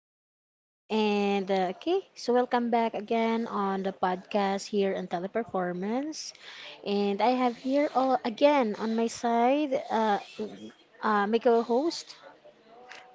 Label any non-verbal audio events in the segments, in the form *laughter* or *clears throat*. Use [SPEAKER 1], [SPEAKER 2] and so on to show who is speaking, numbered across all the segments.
[SPEAKER 1] Jen. And okay, so welcome back again on the podcast here on Teleperformance. And I have here all again on my side my co host.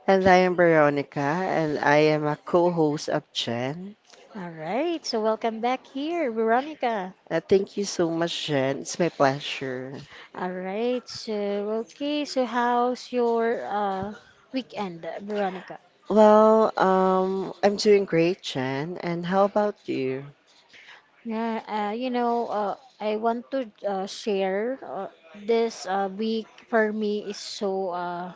[SPEAKER 2] And I am Veronica, and I am a co host of Jen.
[SPEAKER 1] All right, so welcome back here, Veronica.
[SPEAKER 2] Thank you so much, Jen. It's my pleasure.
[SPEAKER 1] All right, so okay, so how's your weekend, Veronica?
[SPEAKER 2] Well, I'm doing great, Jen. And how about you?
[SPEAKER 1] Yeah, I want to share, this week for me is so uh,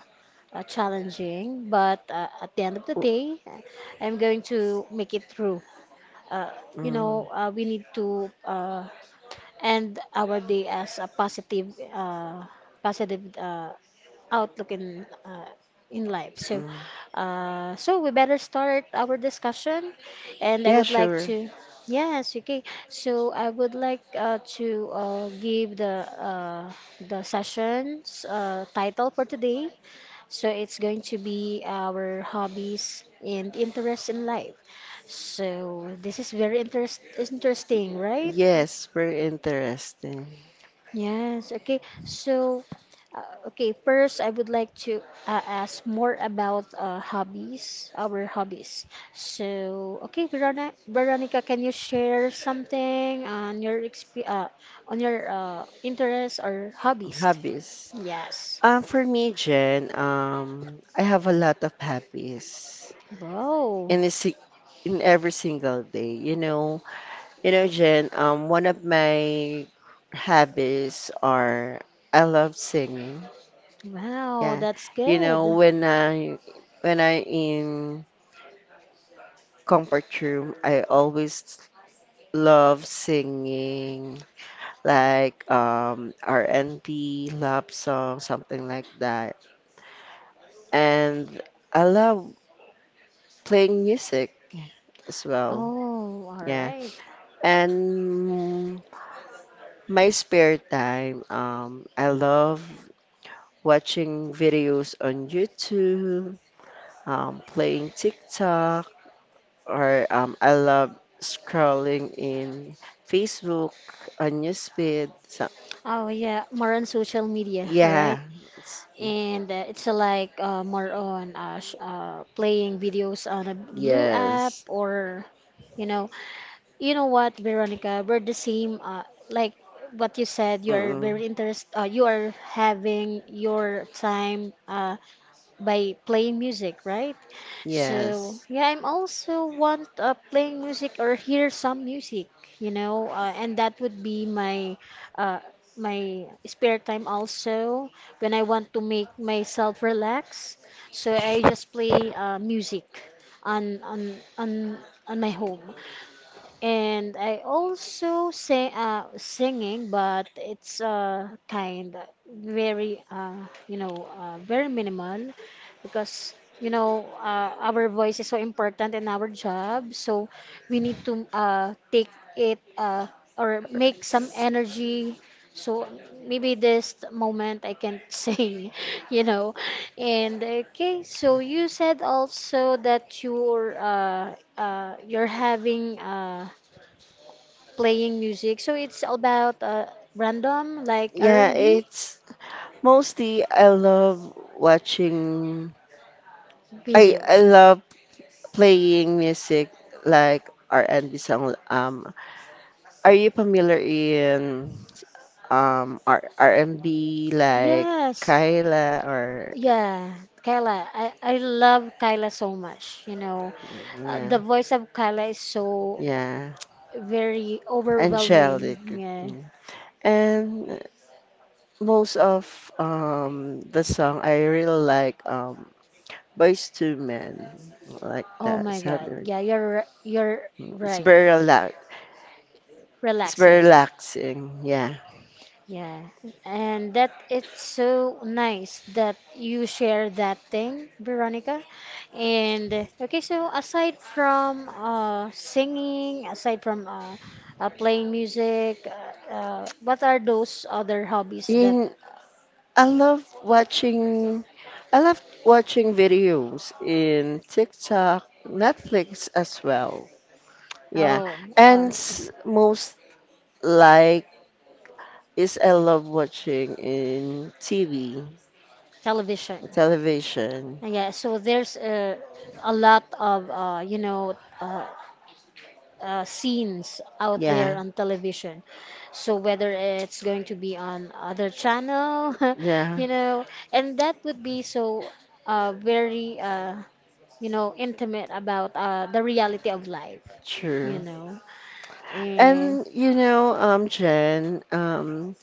[SPEAKER 1] uh, challenging, but at the end of the
[SPEAKER 2] W-
[SPEAKER 1] day, I'm going to make it through. Uh,
[SPEAKER 2] Mm,
[SPEAKER 1] we need to end our day as a positive, uh, positive outlook in life. So,
[SPEAKER 2] mm.
[SPEAKER 1] uh, so we better start our discussion, and I
[SPEAKER 2] Yeah,
[SPEAKER 1] would like
[SPEAKER 2] sure.
[SPEAKER 1] to. Yes, okay. So I would like to give the session's title for today, so it's going to be our hobbies and interests in life. So this is very interesting, right?
[SPEAKER 2] Yes, very interesting.
[SPEAKER 1] Yes. Okay. So, okay. First, I would like to ask more about hobbies, our hobbies. So, okay, Veronica, can you share something on your exp on your interests or hobbies?
[SPEAKER 2] Hobbies.
[SPEAKER 1] Yes.
[SPEAKER 2] For me, Jen, I have a lot of hobbies
[SPEAKER 1] Wow.
[SPEAKER 2] in a si in every single day. You know, Jen, one of my hobbies are I love singing.
[SPEAKER 1] Wow,
[SPEAKER 2] Yeah.
[SPEAKER 1] that's
[SPEAKER 2] You know,
[SPEAKER 1] good.
[SPEAKER 2] when I in comfort room, I always love singing like R&B, love song, something like that. And I love playing music as well.
[SPEAKER 1] Oh, all
[SPEAKER 2] Yeah.
[SPEAKER 1] right.
[SPEAKER 2] And my spare time, I love watching videos on YouTube, playing TikTok, or I love scrolling in Facebook on newsfeed. So,
[SPEAKER 1] Oh, yeah, more on social media, right?
[SPEAKER 2] yeah, it's-
[SPEAKER 1] And it's like more on sh playing videos on a blue app
[SPEAKER 2] yes,
[SPEAKER 1] or, you know, you know what, Veronica, we're the same. Like what you said, you are
[SPEAKER 2] mm-mm,
[SPEAKER 1] very interest. You are having your time. By playing music, right? So
[SPEAKER 2] yes.
[SPEAKER 1] yeah, I'm also want playing music or hear some music, you know, and that would be my uh, my spare time also when I want to make myself relax. So I just
[SPEAKER 2] Ch-
[SPEAKER 1] play music on on on on my home. And I also say singing, but it's kind very very minimal because our voice is so important in our job, so we need to take it or make some energy. So maybe this moment I can *laughs* sing, you know. And okay, so you said also that you're having playing music. So it's all about random like
[SPEAKER 2] Yeah,
[SPEAKER 1] R&B
[SPEAKER 2] it's mostly I love watching. I
[SPEAKER 1] videos.
[SPEAKER 2] love playing music like R&B song. Are you familiar in R R&B like
[SPEAKER 1] Yes.
[SPEAKER 2] Kyla, or
[SPEAKER 1] Yeah, Kyla. I love Kyla so much. You know,
[SPEAKER 2] yeah,
[SPEAKER 1] the voice of Kyla is so
[SPEAKER 2] yeah,
[SPEAKER 1] very
[SPEAKER 2] angelic.
[SPEAKER 1] overwhelming. Yeah.
[SPEAKER 2] Mm. And most of the song I really like, Boys to Men, like
[SPEAKER 1] Oh
[SPEAKER 2] that
[SPEAKER 1] my God.
[SPEAKER 2] something.
[SPEAKER 1] Yeah, you're
[SPEAKER 2] Mm.
[SPEAKER 1] right.
[SPEAKER 2] It's very
[SPEAKER 1] Relaxing.
[SPEAKER 2] relaxing, yeah.
[SPEAKER 1] Yeah, and that it's so nice that you share that thing, Veronica. And okay, so aside from singing, aside from playing music, what are those other hobbies that
[SPEAKER 2] in I love watching I love watching videos in TikTok, Netflix as well. Yeah,
[SPEAKER 1] oh
[SPEAKER 2] and
[SPEAKER 1] are
[SPEAKER 2] most like is I love watching in TV,
[SPEAKER 1] television?
[SPEAKER 2] television.
[SPEAKER 1] Yeah, so there's a lot of scenes out there
[SPEAKER 2] Yeah,
[SPEAKER 1] on television. So whether it's going to be on other channel, *laughs*
[SPEAKER 2] yeah,
[SPEAKER 1] you know, and that would be so very you know intimate about the reality of life, you
[SPEAKER 2] true.
[SPEAKER 1] know. And
[SPEAKER 2] And you know, Jen,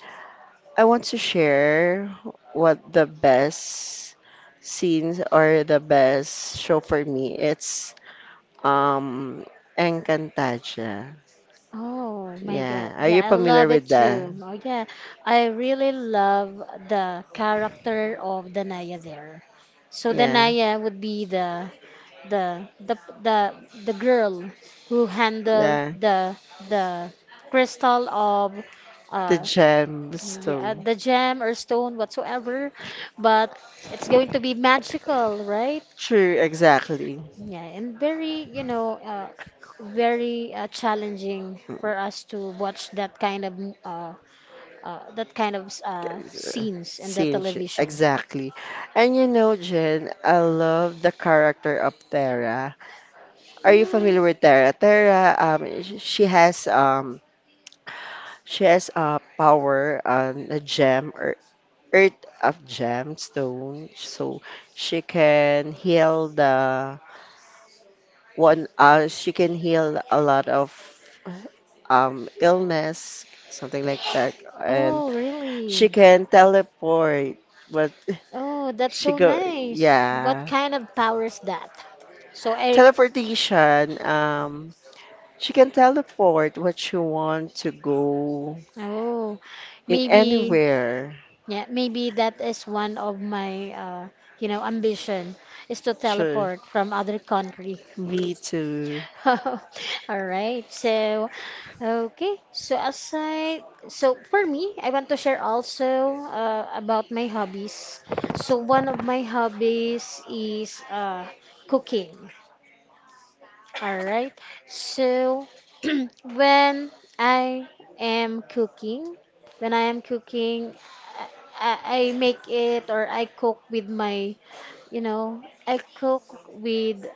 [SPEAKER 2] I want to share what the best scenes or the best show for me. It's um, Encantaja.
[SPEAKER 1] oh my God,
[SPEAKER 2] Yeah, are
[SPEAKER 1] yeah,
[SPEAKER 2] you
[SPEAKER 1] I
[SPEAKER 2] familiar
[SPEAKER 1] love it
[SPEAKER 2] with that?
[SPEAKER 1] too. Oh yeah, I really love the character of Danaya there. So
[SPEAKER 2] Yeah,
[SPEAKER 1] Danaya would be the the the the girl who handled
[SPEAKER 2] yeah.
[SPEAKER 1] the the crystal of
[SPEAKER 2] The
[SPEAKER 1] uh yeah,
[SPEAKER 2] gemstone.
[SPEAKER 1] the gem or stone whatsoever, but it's going to be magical, right?
[SPEAKER 2] True, exactly.
[SPEAKER 1] Yeah, and very very challenging for us to watch uh, that kind of scenes in the
[SPEAKER 2] Singe,
[SPEAKER 1] television.
[SPEAKER 2] exactly. And you know, Jen, I love the character of Terra. Are you
[SPEAKER 1] Mm,
[SPEAKER 2] familiar with Terra? Terra, she has a power on a gem or earth of gemstone, so she can heal the one she can heal a lot of illness, something like that. And
[SPEAKER 1] oh
[SPEAKER 2] she
[SPEAKER 1] really.
[SPEAKER 2] can teleport, but
[SPEAKER 1] Oh, that's
[SPEAKER 2] she
[SPEAKER 1] so
[SPEAKER 2] go
[SPEAKER 1] nice. What
[SPEAKER 2] yeah,
[SPEAKER 1] kind of power is that? So I,
[SPEAKER 2] teleportation. She can teleport what she want to go,
[SPEAKER 1] oh,
[SPEAKER 2] in
[SPEAKER 1] maybe,
[SPEAKER 2] anywhere.
[SPEAKER 1] yeah, maybe that is one of my, you know, ambition is to
[SPEAKER 2] Sure,
[SPEAKER 1] teleport from other country.
[SPEAKER 2] me too.
[SPEAKER 1] *laughs* All right. So for me, I want to share also about my hobbies. So one of my hobbies is cooking. All right. So *clears throat* when I am cooking, when I am cooking, I make it or I cook with my, you know, I cook with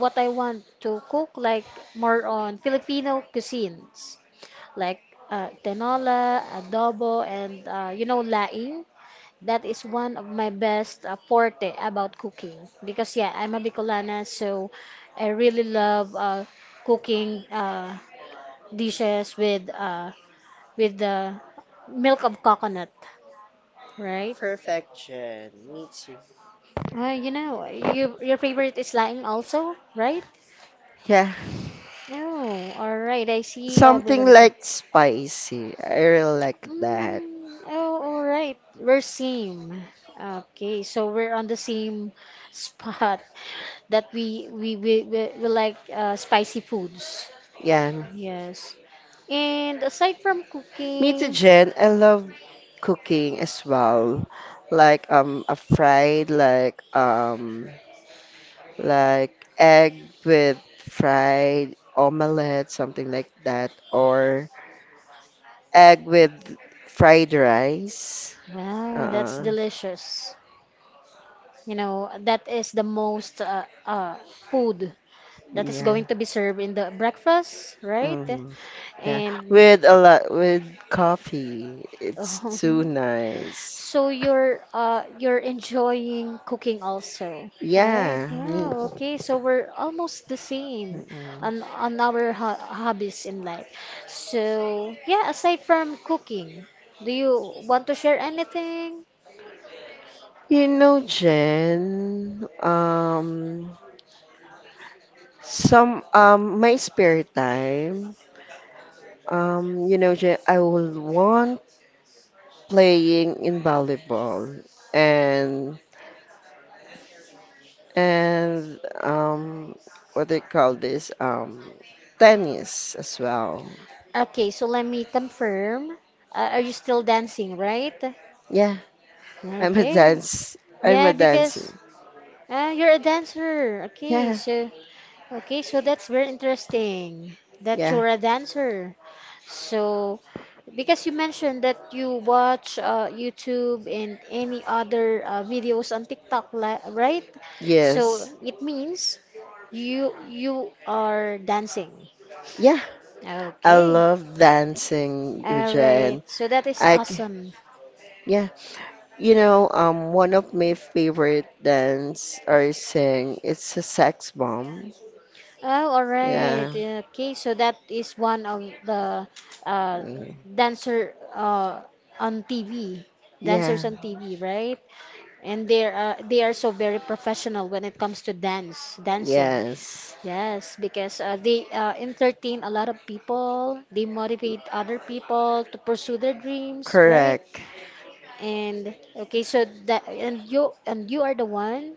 [SPEAKER 1] what I want to cook, like more on Filipino cuisines, like tinola, adobo, and you know, laing. That is one of my best forte about cooking because yeah, I'm a Bicolana, so I really love cooking dishes with the milk of coconut, right?
[SPEAKER 2] Perfection, me too.
[SPEAKER 1] You know, you, your favorite is lime also, right?
[SPEAKER 2] Yeah,
[SPEAKER 1] Oh, all right. I see,
[SPEAKER 2] something
[SPEAKER 1] Veronica.
[SPEAKER 2] like spicy, I really like that.
[SPEAKER 1] Mm, oh, all right. We're same. Okay, so we're on the same *laughs* spot that we like spicy foods.
[SPEAKER 2] Yan.
[SPEAKER 1] Yes. And aside from
[SPEAKER 2] Me too,
[SPEAKER 1] cooking,
[SPEAKER 2] Jen. I love cooking as well. Like a fried, like egg with fried omelette, something like that, or egg with fried rice.
[SPEAKER 1] wow, that's
[SPEAKER 2] Uh,
[SPEAKER 1] delicious. You know, that is the most food that is
[SPEAKER 2] yeah.
[SPEAKER 1] going to be served in the breakfast, right?
[SPEAKER 2] Hmm. Yeah.
[SPEAKER 1] And
[SPEAKER 2] With a lot with coffee.
[SPEAKER 1] *laughs*
[SPEAKER 2] It's
[SPEAKER 1] oh,
[SPEAKER 2] too nice.
[SPEAKER 1] so you're enjoying cooking also, right?
[SPEAKER 2] Yeah.
[SPEAKER 1] Yeah,
[SPEAKER 2] Me.
[SPEAKER 1] okay. So we're almost the same on our ho hobbies in life. So yeah, aside from cooking, do you want to share anything?
[SPEAKER 2] You know, Jen, some, my spare time, you know, Jen, I will want playing in volleyball, and, and, um, what do you call this? Tennis as well.
[SPEAKER 1] Okay, so let me confirm. Are you still dancing, right?
[SPEAKER 2] Yeah, I'm a
[SPEAKER 1] Okay.
[SPEAKER 2] dance, I'm
[SPEAKER 1] Yeah,
[SPEAKER 2] a
[SPEAKER 1] because
[SPEAKER 2] dancing.
[SPEAKER 1] you're a dancer. Okay,
[SPEAKER 2] Yeah,
[SPEAKER 1] so okay, so that's very interesting that
[SPEAKER 2] yeah,
[SPEAKER 1] you're a dancer. So, because you mentioned that you watch YouTube and any other videos on TikTok, right? So
[SPEAKER 2] yes.
[SPEAKER 1] it means you are dancing.
[SPEAKER 2] Yeah, I
[SPEAKER 1] Okay.
[SPEAKER 2] love dancing,
[SPEAKER 1] All right.
[SPEAKER 2] Jen.
[SPEAKER 1] So that is
[SPEAKER 2] I, c-
[SPEAKER 1] awesome.
[SPEAKER 2] yeah. You know, one of my favorite dance or sing, it's a Sex Bomb.
[SPEAKER 1] Oh, all right.
[SPEAKER 2] Yeah.
[SPEAKER 1] Okay. So that is one of the uh,
[SPEAKER 2] Mm.
[SPEAKER 1] dancer on TV.
[SPEAKER 2] Yeah.
[SPEAKER 1] Dancers on TV, right? And they are so very professional when it comes to dancing.
[SPEAKER 2] Yes.
[SPEAKER 1] Yes, because they entertain a lot of people. They motivate other people to pursue their dreams, right?
[SPEAKER 2] Correct.
[SPEAKER 1] And okay, so that, and you are the one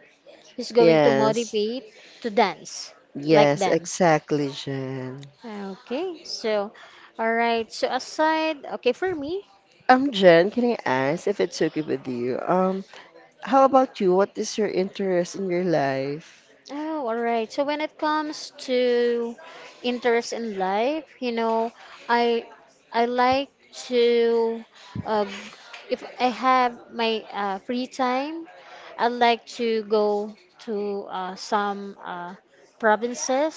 [SPEAKER 1] who's going to
[SPEAKER 2] Yes.
[SPEAKER 1] motivate to dance like
[SPEAKER 2] Yes,
[SPEAKER 1] them.
[SPEAKER 2] exactly, Jen.
[SPEAKER 1] Okay, so all right. So aside, okay, for me,
[SPEAKER 2] Jen, can I ask if it's okay with you? How about you? What is your interest in your life?
[SPEAKER 1] oh, all right. So when it comes to interest in life, you know, I I like to uh, if I have my free time, I like to go to some provinces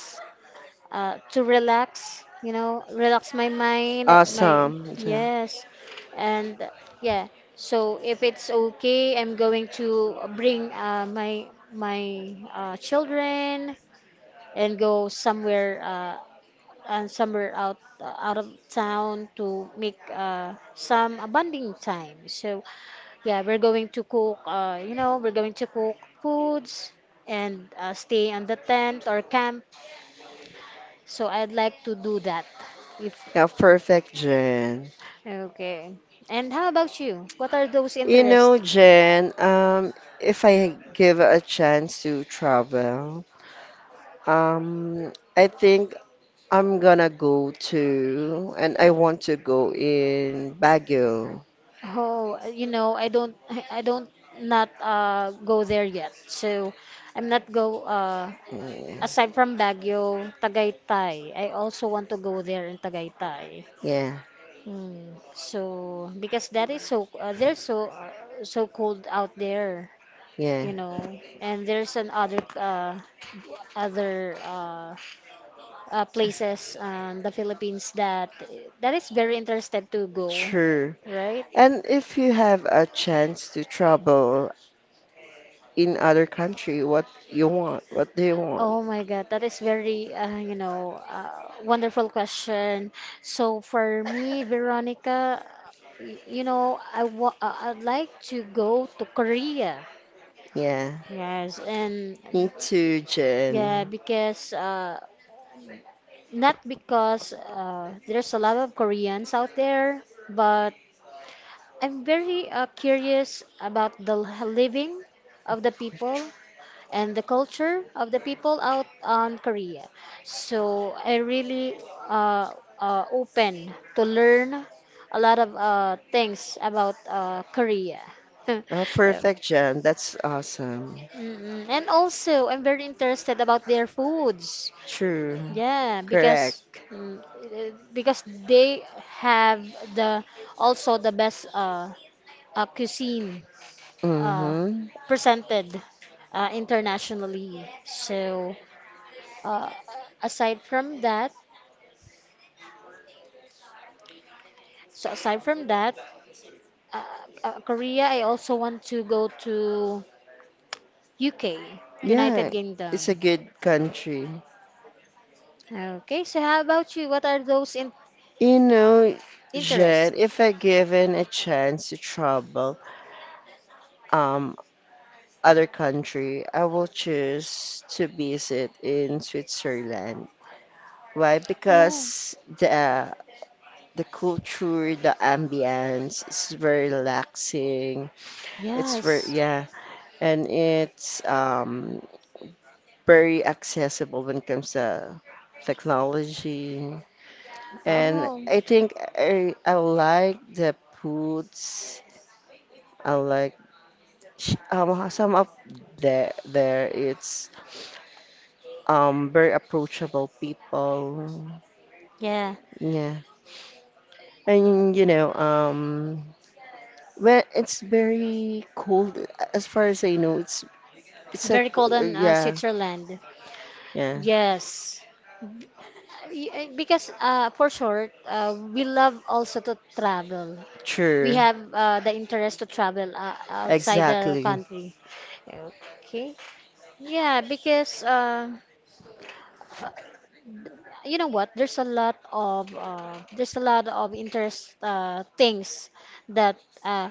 [SPEAKER 1] to relax, you know, relax my mind, my
[SPEAKER 2] Awesome, Jen.
[SPEAKER 1] yes, and yeah. So if it's okay, I'm going to bring uh, my children and go somewhere and somewhere out out of town to make some bonding time. So yeah, we're going to cook. You know, we're going to cook foods and stay on the tent or camp, so I'd like to do that if
[SPEAKER 2] Yeah, perfect, Jen.
[SPEAKER 1] okay. And how about you? What are those
[SPEAKER 2] You know,
[SPEAKER 1] interests?
[SPEAKER 2] Jen, if I give a chance to travel, I think I'm gonna go to, and I want to go in Baguio.
[SPEAKER 1] Oh, you know, I don't, *laughs* I don't not go there yet. So I'm not go
[SPEAKER 2] Yeah,
[SPEAKER 1] aside from Baguio, Tagaytay. I also want to go there in Tagaytay.
[SPEAKER 2] yeah,
[SPEAKER 1] Hmm. So because that is so, they're so so cold out there,
[SPEAKER 2] yeah,
[SPEAKER 1] you know, and there's an other places the Philippines, that that is very interested to go,
[SPEAKER 2] sure.
[SPEAKER 1] right?
[SPEAKER 2] And if you have a chance to travel in other country, what you want? What do you want?
[SPEAKER 1] Oh my God, that is very wonderful question. So for me, Veronica, I'd like to go to Korea.
[SPEAKER 2] Yeah,
[SPEAKER 1] Yes, and
[SPEAKER 2] me too,
[SPEAKER 1] yeah,
[SPEAKER 2] Jen.
[SPEAKER 1] because not because there's a lot of Koreans out there, but I'm very curious about living of the people and the culture of the people out on Korea. So I really uh, open to learn a lot of things about Korea. *laughs*
[SPEAKER 2] Perfect, Jen. That's awesome.
[SPEAKER 1] Mm-mm. And also, I'm very interested about their foods.
[SPEAKER 2] True.
[SPEAKER 1] Yeah, because
[SPEAKER 2] Correct.
[SPEAKER 1] mm, eh, because they have the also the best cuisine uh,
[SPEAKER 2] Mm-hmm.
[SPEAKER 1] presented internationally. So uh, aside from that, aside from that, uh, Korea, I also want to go to UK, United
[SPEAKER 2] Yeah,
[SPEAKER 1] Kingdom.
[SPEAKER 2] it's a good country.
[SPEAKER 1] Okay, so how about you? What are those in
[SPEAKER 2] You know,
[SPEAKER 1] interests?
[SPEAKER 2] Jed, if I given a chance to travel um other country, I will choose to visit in Switzerland. Why?
[SPEAKER 1] Oh,
[SPEAKER 2] Because the culture, the ambience is very relaxing. It's very
[SPEAKER 1] yes.
[SPEAKER 2] Yeah, and it's very accessible when it comes to technology. And
[SPEAKER 1] Oh,
[SPEAKER 2] I think I like the foods. I like, some of the there, it's very approachable people.
[SPEAKER 1] yeah.
[SPEAKER 2] Yeah. And you know, well it's very cold as far as I know.
[SPEAKER 1] Very cold in
[SPEAKER 2] Yeah,
[SPEAKER 1] Switzerland.
[SPEAKER 2] yeah.
[SPEAKER 1] Yes. Y- Because for short, we love also to travel. We
[SPEAKER 2] True.
[SPEAKER 1] have the interest to travel outside the
[SPEAKER 2] Exactly.
[SPEAKER 1] country. Okay. Yeah, because you know what? There's a lot of there's a lot of interest things that uh,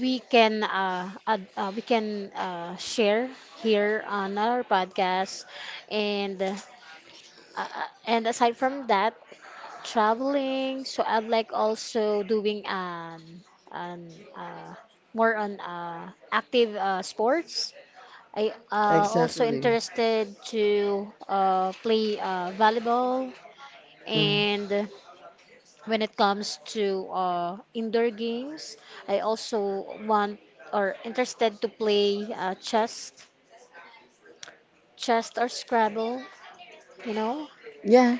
[SPEAKER 1] we can uh, ad- uh, we can share here on our podcast, and. And aside from that, traveling. So I'm like also doing um uh, more on active sports. I also
[SPEAKER 2] Exactly.
[SPEAKER 1] interested to play volleyball,
[SPEAKER 2] Mm.
[SPEAKER 1] and when it comes to indoor games, I also want or interested to play chess or Scrabble, you know.
[SPEAKER 2] Yeah.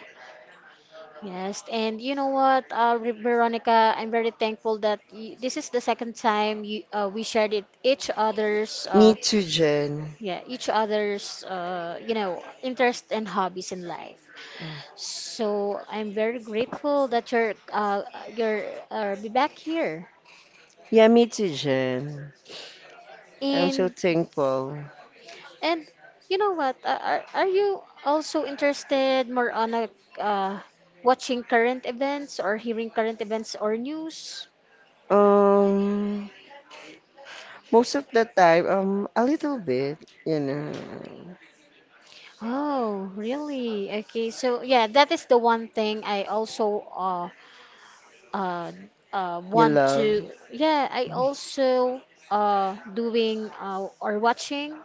[SPEAKER 1] Yes, and you know what, Veronica, I'm very thankful that y this is the second time we shared it each other's
[SPEAKER 2] Me too, Jen.
[SPEAKER 1] yeah each other's you know interests and hobbies in life. So I'm very grateful that you're be back here.
[SPEAKER 2] Yeah, me too, Jen. I'm so
[SPEAKER 1] And
[SPEAKER 2] thankful.
[SPEAKER 1] and you know what? Are you also interested more on a, uh, watching current events or hearing current events or news?
[SPEAKER 2] Um, Most of the time, a little bit, you know.
[SPEAKER 1] Oh, really? Okay, so yeah, that is the one thing I also uh
[SPEAKER 2] You
[SPEAKER 1] want
[SPEAKER 2] love
[SPEAKER 1] to yeah, I also doing or watching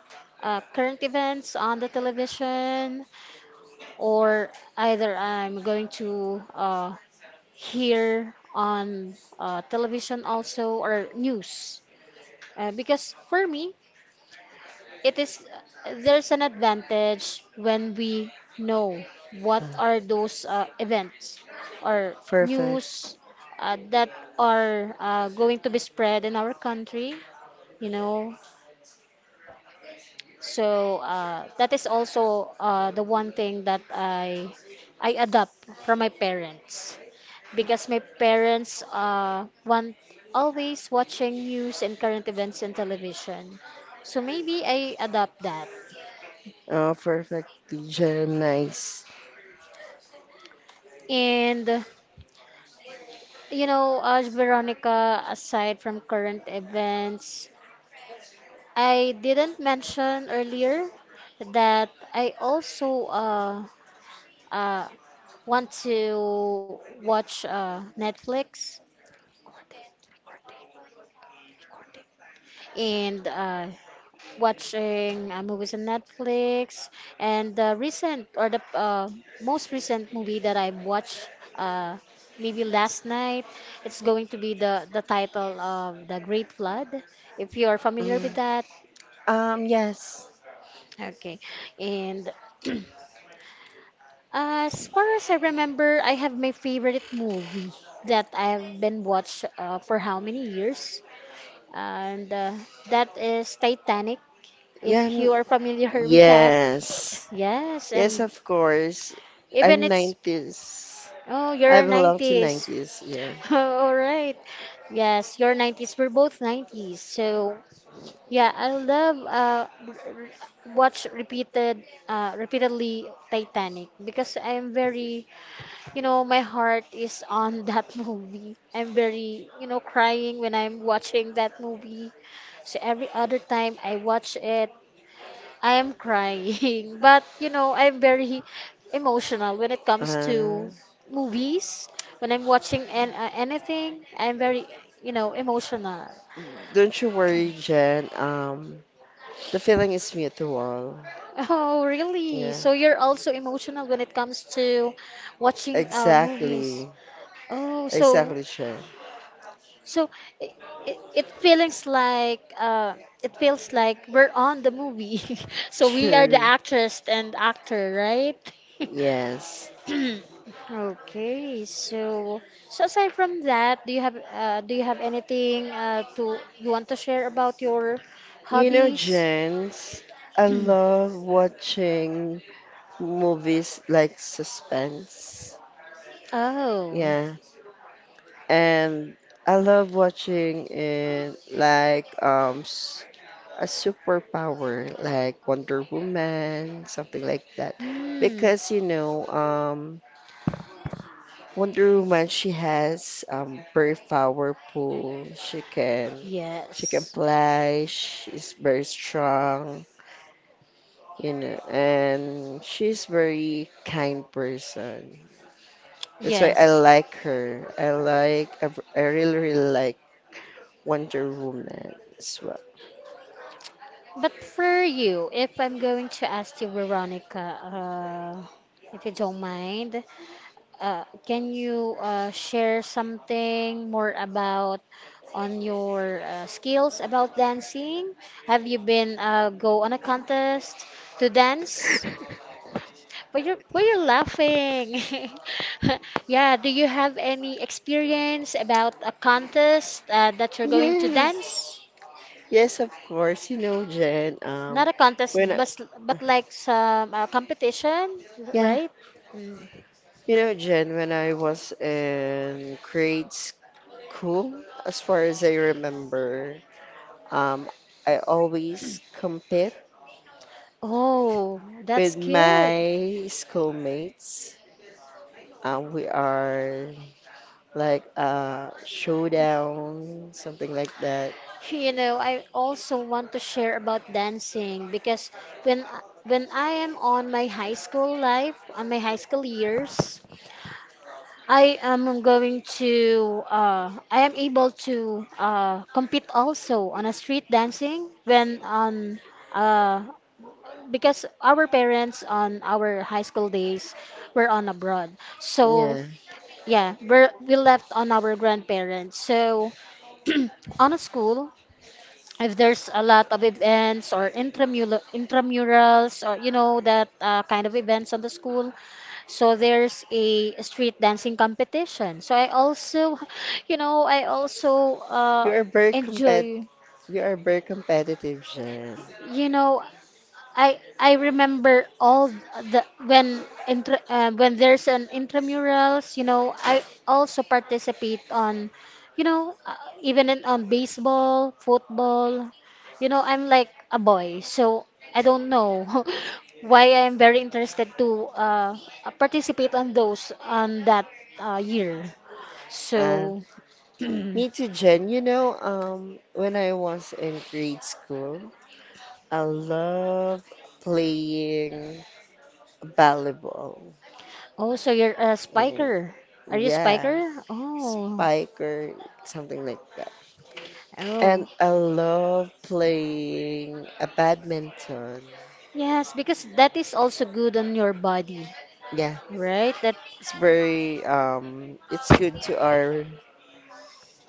[SPEAKER 1] current events on the television, or either I'm going to hear on television also or news. Because for me, it is there's an advantage when we know what are those events or
[SPEAKER 2] perfect,
[SPEAKER 1] news that are going to be spread in our country, you know. So that is also the one thing that I adopt from my parents, because my parents want always watching news and current events in television, so maybe I adopt that.
[SPEAKER 2] Perfectly Gemini's.
[SPEAKER 1] And you know, as Veronica, aside from current events, I didn't mention earlier that I also uh, want to watch Netflix and watching movies on Netflix. And the recent, or the most recent movie that I watched, maybe last night, it's going to be the title of The Great Flood. If you are familiar with
[SPEAKER 2] Mm.
[SPEAKER 1] that.
[SPEAKER 2] Yes,
[SPEAKER 1] Okay. And *clears throat* as far as I remember, I have my favorite movie that I've been watched for how many years, and that is Titanic.
[SPEAKER 2] yeah,
[SPEAKER 1] If you are familiar *laughs* with that,
[SPEAKER 2] yes,
[SPEAKER 1] yes,
[SPEAKER 2] yes,
[SPEAKER 1] and
[SPEAKER 2] of course.
[SPEAKER 1] even
[SPEAKER 2] I'm
[SPEAKER 1] it's,
[SPEAKER 2] 90s.
[SPEAKER 1] oh,
[SPEAKER 2] I
[SPEAKER 1] you're
[SPEAKER 2] belong to
[SPEAKER 1] 90s.
[SPEAKER 2] 90s, yeah.
[SPEAKER 1] *laughs* All right. Yes, you're 90s. We're both 90s. So yeah, I love watch repeatedly Titanic, because I'm very, you know, my heart is on *laughs* that movie. I'm very, you know, crying when I'm watching that movie. So every other time I watch it, I am crying. *laughs* But, you know, I'm very emotional when it comes
[SPEAKER 2] Uh,
[SPEAKER 1] to movies. When I'm watching anything, I'm very, you know, emotional.
[SPEAKER 2] don't you worry, Jen. The feeling is mutual.
[SPEAKER 1] Oh, really?
[SPEAKER 2] Yeah,
[SPEAKER 1] So you're also emotional when it comes to watching movies.
[SPEAKER 2] exactly,
[SPEAKER 1] Oh, so
[SPEAKER 2] exactly, Jen.
[SPEAKER 1] so it, it feels like we're on the movie. *laughs* So we are the
[SPEAKER 2] True.
[SPEAKER 1] actress and actor, right?
[SPEAKER 2] Yes.
[SPEAKER 1] *clears throat* Okay, so so aside from that, do you have anything to you want to share about your
[SPEAKER 2] You know,
[SPEAKER 1] hobbies?
[SPEAKER 2] Jens, I
[SPEAKER 1] *clears throat*
[SPEAKER 2] love watching movies like suspense.
[SPEAKER 1] Oh,
[SPEAKER 2] Yeah. And I love watching it, like a superpower like Wonder Woman, something like that.
[SPEAKER 1] hmm.
[SPEAKER 2] Because you know, Wonder Woman, she has very powerful. She can
[SPEAKER 1] Yes.
[SPEAKER 2] fly. She's very strong, you know, and she's very kind person. That's why I
[SPEAKER 1] Yes.
[SPEAKER 2] like her. I really really like Wonder Woman as well.
[SPEAKER 1] But for you, if I'm going to ask you, Veronica, if you don't mind, can you share something more about on your skills about dancing? Have you been go on a contest to dance?
[SPEAKER 2] *laughs*
[SPEAKER 1] But you're laughing. *laughs* Yeah, do you have any experience about a contest that you're going to
[SPEAKER 2] Yes,
[SPEAKER 1] dance?
[SPEAKER 2] yes, of course. You know, Jen.
[SPEAKER 1] Not a contest,
[SPEAKER 2] When I,
[SPEAKER 1] but like some competition,
[SPEAKER 2] yeah,
[SPEAKER 1] right? Mm.
[SPEAKER 2] you know, Jen, when I was in grades. Cool, as far as I remember. Um, I always compete
[SPEAKER 1] Oh, that's
[SPEAKER 2] with
[SPEAKER 1] good.
[SPEAKER 2] my schoolmates. We are like showdown, something like that.
[SPEAKER 1] You know, I also want to share about dancing, because when I am on my high school life, on my high school years, I am going to I am able to compete also on a street dancing, when on uh, because our parents on our high school days were on abroad. So
[SPEAKER 2] Yeah.
[SPEAKER 1] yeah, we left on our grandparents. So *clears throat* on a school, if there's a lot of events or intramurals, or you know, that kind of events on the school, so there's a street dancing competition. So I also, you know, I also
[SPEAKER 2] You are very compet
[SPEAKER 1] enjoy.
[SPEAKER 2] you are very competitive, Jen.
[SPEAKER 1] You know, I remember all the when there's an intramurals, you know, I also participate on, you know, even in on baseball, football. You know, I'm like a boy, so I don't know *laughs* why I'm very interested to participate on those on that year.
[SPEAKER 2] Uh,
[SPEAKER 1] So, *clears throat* oh,
[SPEAKER 2] Me too, Jen. You know, when I was in grade school, I love playing volleyball.
[SPEAKER 1] so you're a
[SPEAKER 2] Yeah,
[SPEAKER 1] spiker. Are you a
[SPEAKER 2] yeah,
[SPEAKER 1] spiker? Oh,
[SPEAKER 2] Pike or something like that.
[SPEAKER 1] oh.
[SPEAKER 2] And I love playing a badminton.
[SPEAKER 1] Yes, because that is also good on your body,
[SPEAKER 2] Yeah,
[SPEAKER 1] right? That
[SPEAKER 2] it's good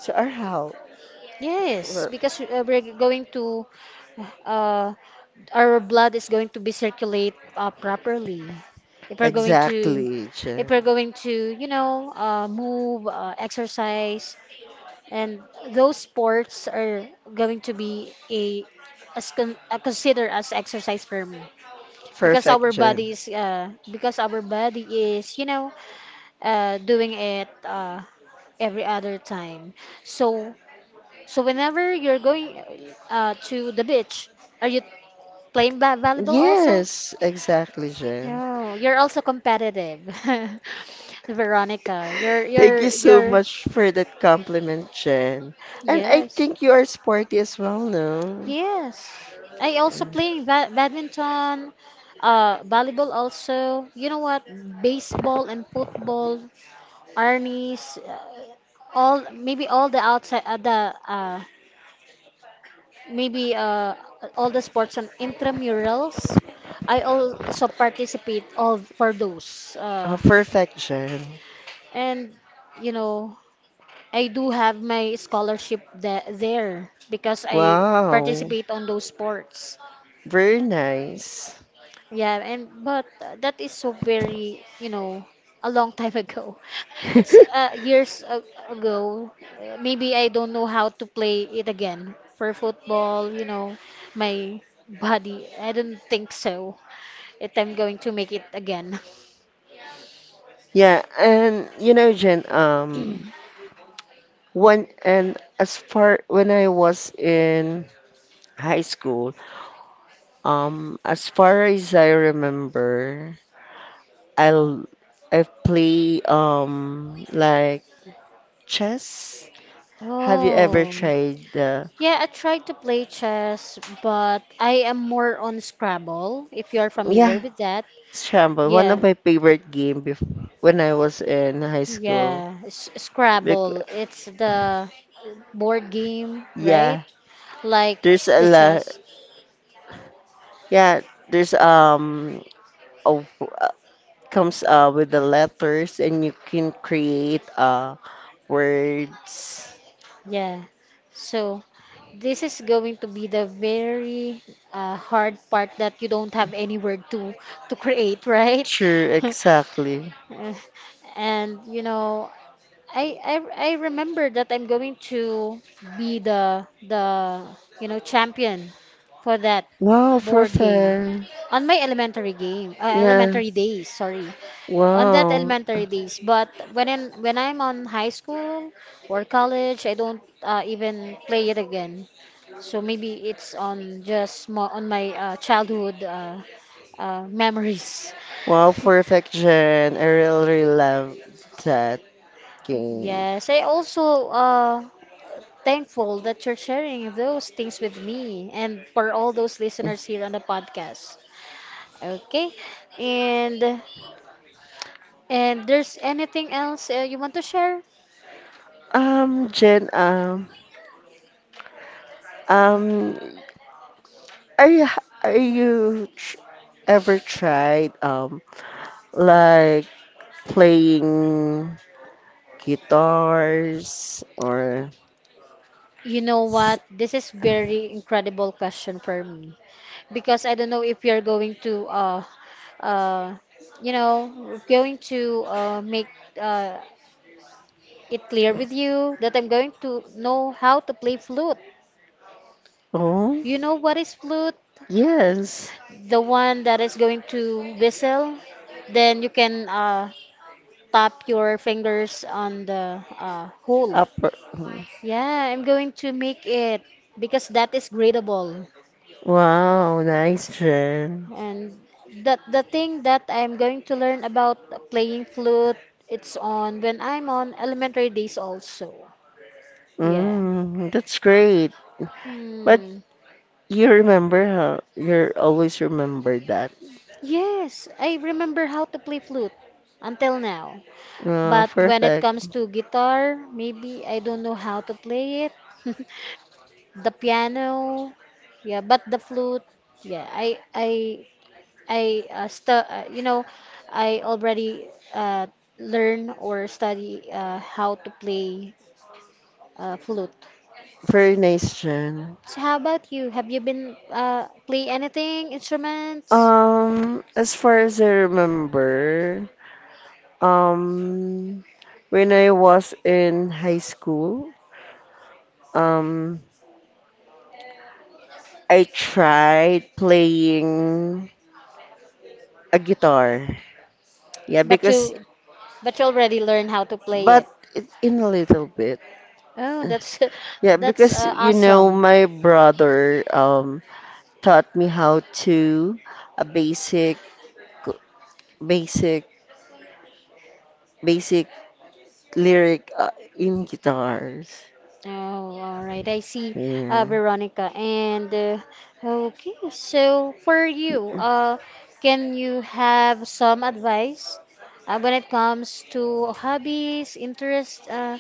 [SPEAKER 2] to our health.
[SPEAKER 1] yes,
[SPEAKER 2] For,
[SPEAKER 1] because we're going to uh our blood is going to be circulate properly. If we're going to
[SPEAKER 2] exactly,
[SPEAKER 1] if
[SPEAKER 2] Jen.
[SPEAKER 1] we're going to, you know, move, exercise, and those sports are going to be a as consider as exercise for me, because
[SPEAKER 2] Perfect,
[SPEAKER 1] our
[SPEAKER 2] Jen.
[SPEAKER 1] body is because our body is, you know, doing it every other time. So, so whenever you're going to the beach, are you playing volleyball also?
[SPEAKER 2] Yes, exactly, Jen.
[SPEAKER 1] Oh, you're also competitive. *laughs* Veronica, you're
[SPEAKER 2] Thank
[SPEAKER 1] you're
[SPEAKER 2] you so
[SPEAKER 1] you're
[SPEAKER 2] much for that compliment, Jen. And I
[SPEAKER 1] yes,
[SPEAKER 2] think you are sporty as well, no?
[SPEAKER 1] yes. I also
[SPEAKER 2] Mm.
[SPEAKER 1] play badminton, volleyball also. You know what? Baseball and football, Arnie's, all maybe all the outside the maybe all the sports and intramurals. I also participate all for those.
[SPEAKER 2] Perfect, Jen.
[SPEAKER 1] And you know, I do have my scholarship there because I
[SPEAKER 2] Wow,
[SPEAKER 1] participate on those sports.
[SPEAKER 2] very nice.
[SPEAKER 1] Yeah, and but that is so very, you know, a long time ago. *laughs* It's
[SPEAKER 2] *laughs*
[SPEAKER 1] years ago. Maybe I don't know how to play it again for football, you know, my body. I don't think so. It I'm going to make it again. *laughs*
[SPEAKER 2] Yeah, and you know, Jen, when and as far when I was in high school, as far as I remember, I'll I play like chess. Have you ever
[SPEAKER 1] Oh,
[SPEAKER 2] tried the
[SPEAKER 1] yeah, I tried to play chess, but I am more on Scrabble, if you're familiar
[SPEAKER 2] yeah,
[SPEAKER 1] with that.
[SPEAKER 2] Scramble, one of
[SPEAKER 1] Yeah,
[SPEAKER 2] my favorite game bef when I was in high school.
[SPEAKER 1] yeah, S
[SPEAKER 2] Bec
[SPEAKER 1] Scrabble. It's the board game, right?
[SPEAKER 2] Yeah,
[SPEAKER 1] Like
[SPEAKER 2] There's a
[SPEAKER 1] the
[SPEAKER 2] la
[SPEAKER 1] chess.
[SPEAKER 2] yeah, there's a, uh, comes with the letters and you can create words.
[SPEAKER 1] Yeah. So this is going to be the very hard part that you don't have any word to create, right?
[SPEAKER 2] Sure,
[SPEAKER 1] *laughs*
[SPEAKER 2] exactly.
[SPEAKER 1] Uh, and you know I remember that I'm going to be the you know champion for that
[SPEAKER 2] Wow,
[SPEAKER 1] board game
[SPEAKER 2] perfect.
[SPEAKER 1] on my
[SPEAKER 2] Yeah.
[SPEAKER 1] elementary days, sorry, on that
[SPEAKER 2] Wow.
[SPEAKER 1] elementary days. But when I'm on high school or college, I don't even play it again. So maybe it's on just mo on my childhood memories.
[SPEAKER 2] Wow,
[SPEAKER 1] *laughs*
[SPEAKER 2] perfect, Jen. I really, really love that game.
[SPEAKER 1] Yes, I also thankful that you're sharing those things with me and for all those listeners here on the podcast. Okay? And and there's anything else you want to share?
[SPEAKER 2] Jen, um, are you, are you tr ever tried like playing guitars, or
[SPEAKER 1] You know what? This is very incredible question for me, because I don't know if you're going to uh you know going to make uh it clear with you that I'm going to know how to play flute.
[SPEAKER 2] oh
[SPEAKER 1] You know what is flute?
[SPEAKER 2] yes,
[SPEAKER 1] The one that is going to whistle, then you can tap your fingers on the hole.
[SPEAKER 2] upper. Hmm.
[SPEAKER 1] Yeah, I'm going to make it, because that is gradable.
[SPEAKER 2] Wow, nice, Jen.
[SPEAKER 1] And that the thing that I'm going to learn about playing flute, it's on when I'm on elementary days also. Yeah.
[SPEAKER 2] Mm, that's great. But
[SPEAKER 1] Hmm.
[SPEAKER 2] you always remember that.
[SPEAKER 1] Yes, I remember how to play flute until now.
[SPEAKER 2] Oh,
[SPEAKER 1] But when it
[SPEAKER 2] perfect.
[SPEAKER 1] comes to guitar, maybe I don't know how to play it. *laughs* The piano, yeah, but the flute, yeah, I stu you know, I already learn or study how to play flute.
[SPEAKER 2] Very nice, Jen.
[SPEAKER 1] So how about you? Have you been play anything instruments?
[SPEAKER 2] As far as I remember, um when I was in high school, um I tried playing a guitar. Yeah,
[SPEAKER 1] But
[SPEAKER 2] because
[SPEAKER 1] you already learn how to play
[SPEAKER 2] but
[SPEAKER 1] it.
[SPEAKER 2] in a little bit.
[SPEAKER 1] Oh, that's *laughs*
[SPEAKER 2] Yeah,
[SPEAKER 1] that's
[SPEAKER 2] because you know
[SPEAKER 1] awesome.
[SPEAKER 2] my brother taught me how to a basic basic lyric, in guitars.
[SPEAKER 1] Oh, all right. I see,
[SPEAKER 2] Yeah.
[SPEAKER 1] Veronica. And okay, so for you, can you have some advice when it comes to hobbies, interests,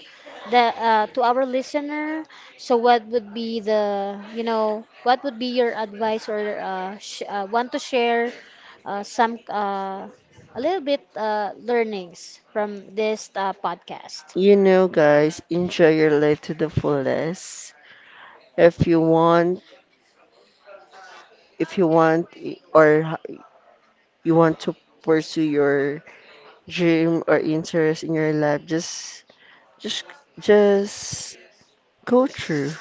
[SPEAKER 1] the to our listener? So what would be the, you know, what would be your advice, or sh want to share some a little bit learnings from this podcast?
[SPEAKER 2] You know guys, enjoy your life to the fullest. If you want, if you want, or you want to pursue your dream or interest in your life, just just go through.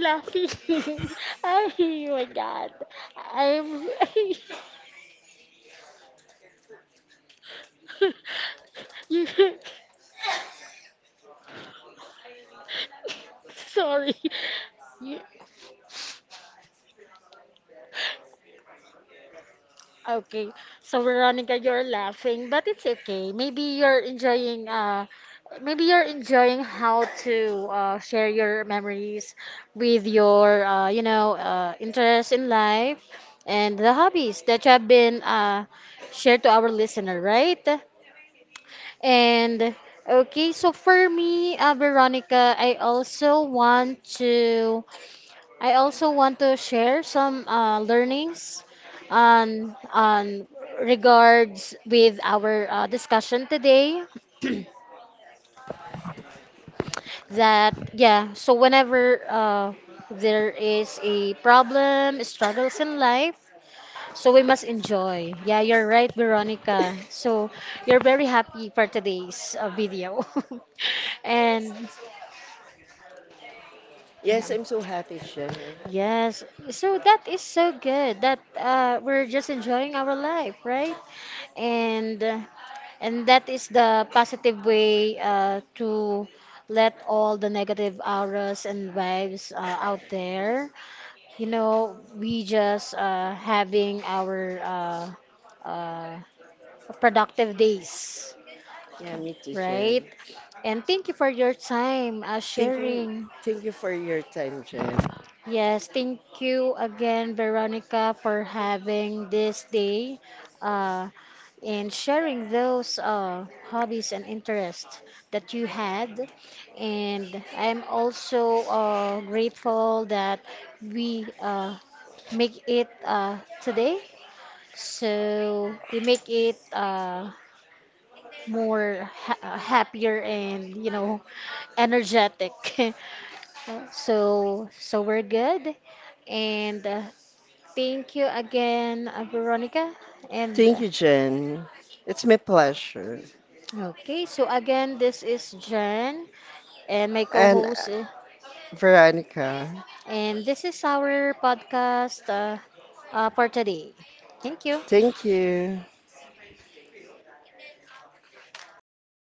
[SPEAKER 1] Laughing. *laughs* Oh my god. I'm *laughs* you sorry. You, okay. So Veronica, you're laughing, but it's okay. Maybe you're enjoying how to share your memories with your you know interests in life and the hobbies that you have been shared to our listener, right? And okay, so for me, Veronica, I also want to share some learnings on regards with our discussion today. *clears throat* That yeah, so whenever there is a problem, struggles in life, so we must enjoy. Yeah, you're right, Veronica. So you're very happy for today's video. *laughs* And yeah.
[SPEAKER 2] Yes, I'm so happy, Jen.
[SPEAKER 1] Yes, so that is so good that we're just enjoying our life, right? And uh, and that is the positive way to let all the negative auras and vibes out there. You know, we just having our uh, uh, productive days,
[SPEAKER 2] Yeah, me too,
[SPEAKER 1] right?
[SPEAKER 2] Jen.
[SPEAKER 1] And thank you for your time
[SPEAKER 2] Thank you,
[SPEAKER 1] sharing.
[SPEAKER 2] thank you for your time, Jen.
[SPEAKER 1] Yes, thank you again, Veronica, for having this day, uh, and sharing those hobbies and interests that you had. And I'm also grateful that we make it today. So we make it. More ha happier and you know energetic. *laughs* So so we're good, and thank you again, Veronica. And
[SPEAKER 2] Thank you, Jen. It's my pleasure.
[SPEAKER 1] okay, so again, this is Jen and my
[SPEAKER 2] And
[SPEAKER 1] co-host,
[SPEAKER 2] Veronica,
[SPEAKER 1] and this is our podcast for today. Thank you.
[SPEAKER 2] thank you.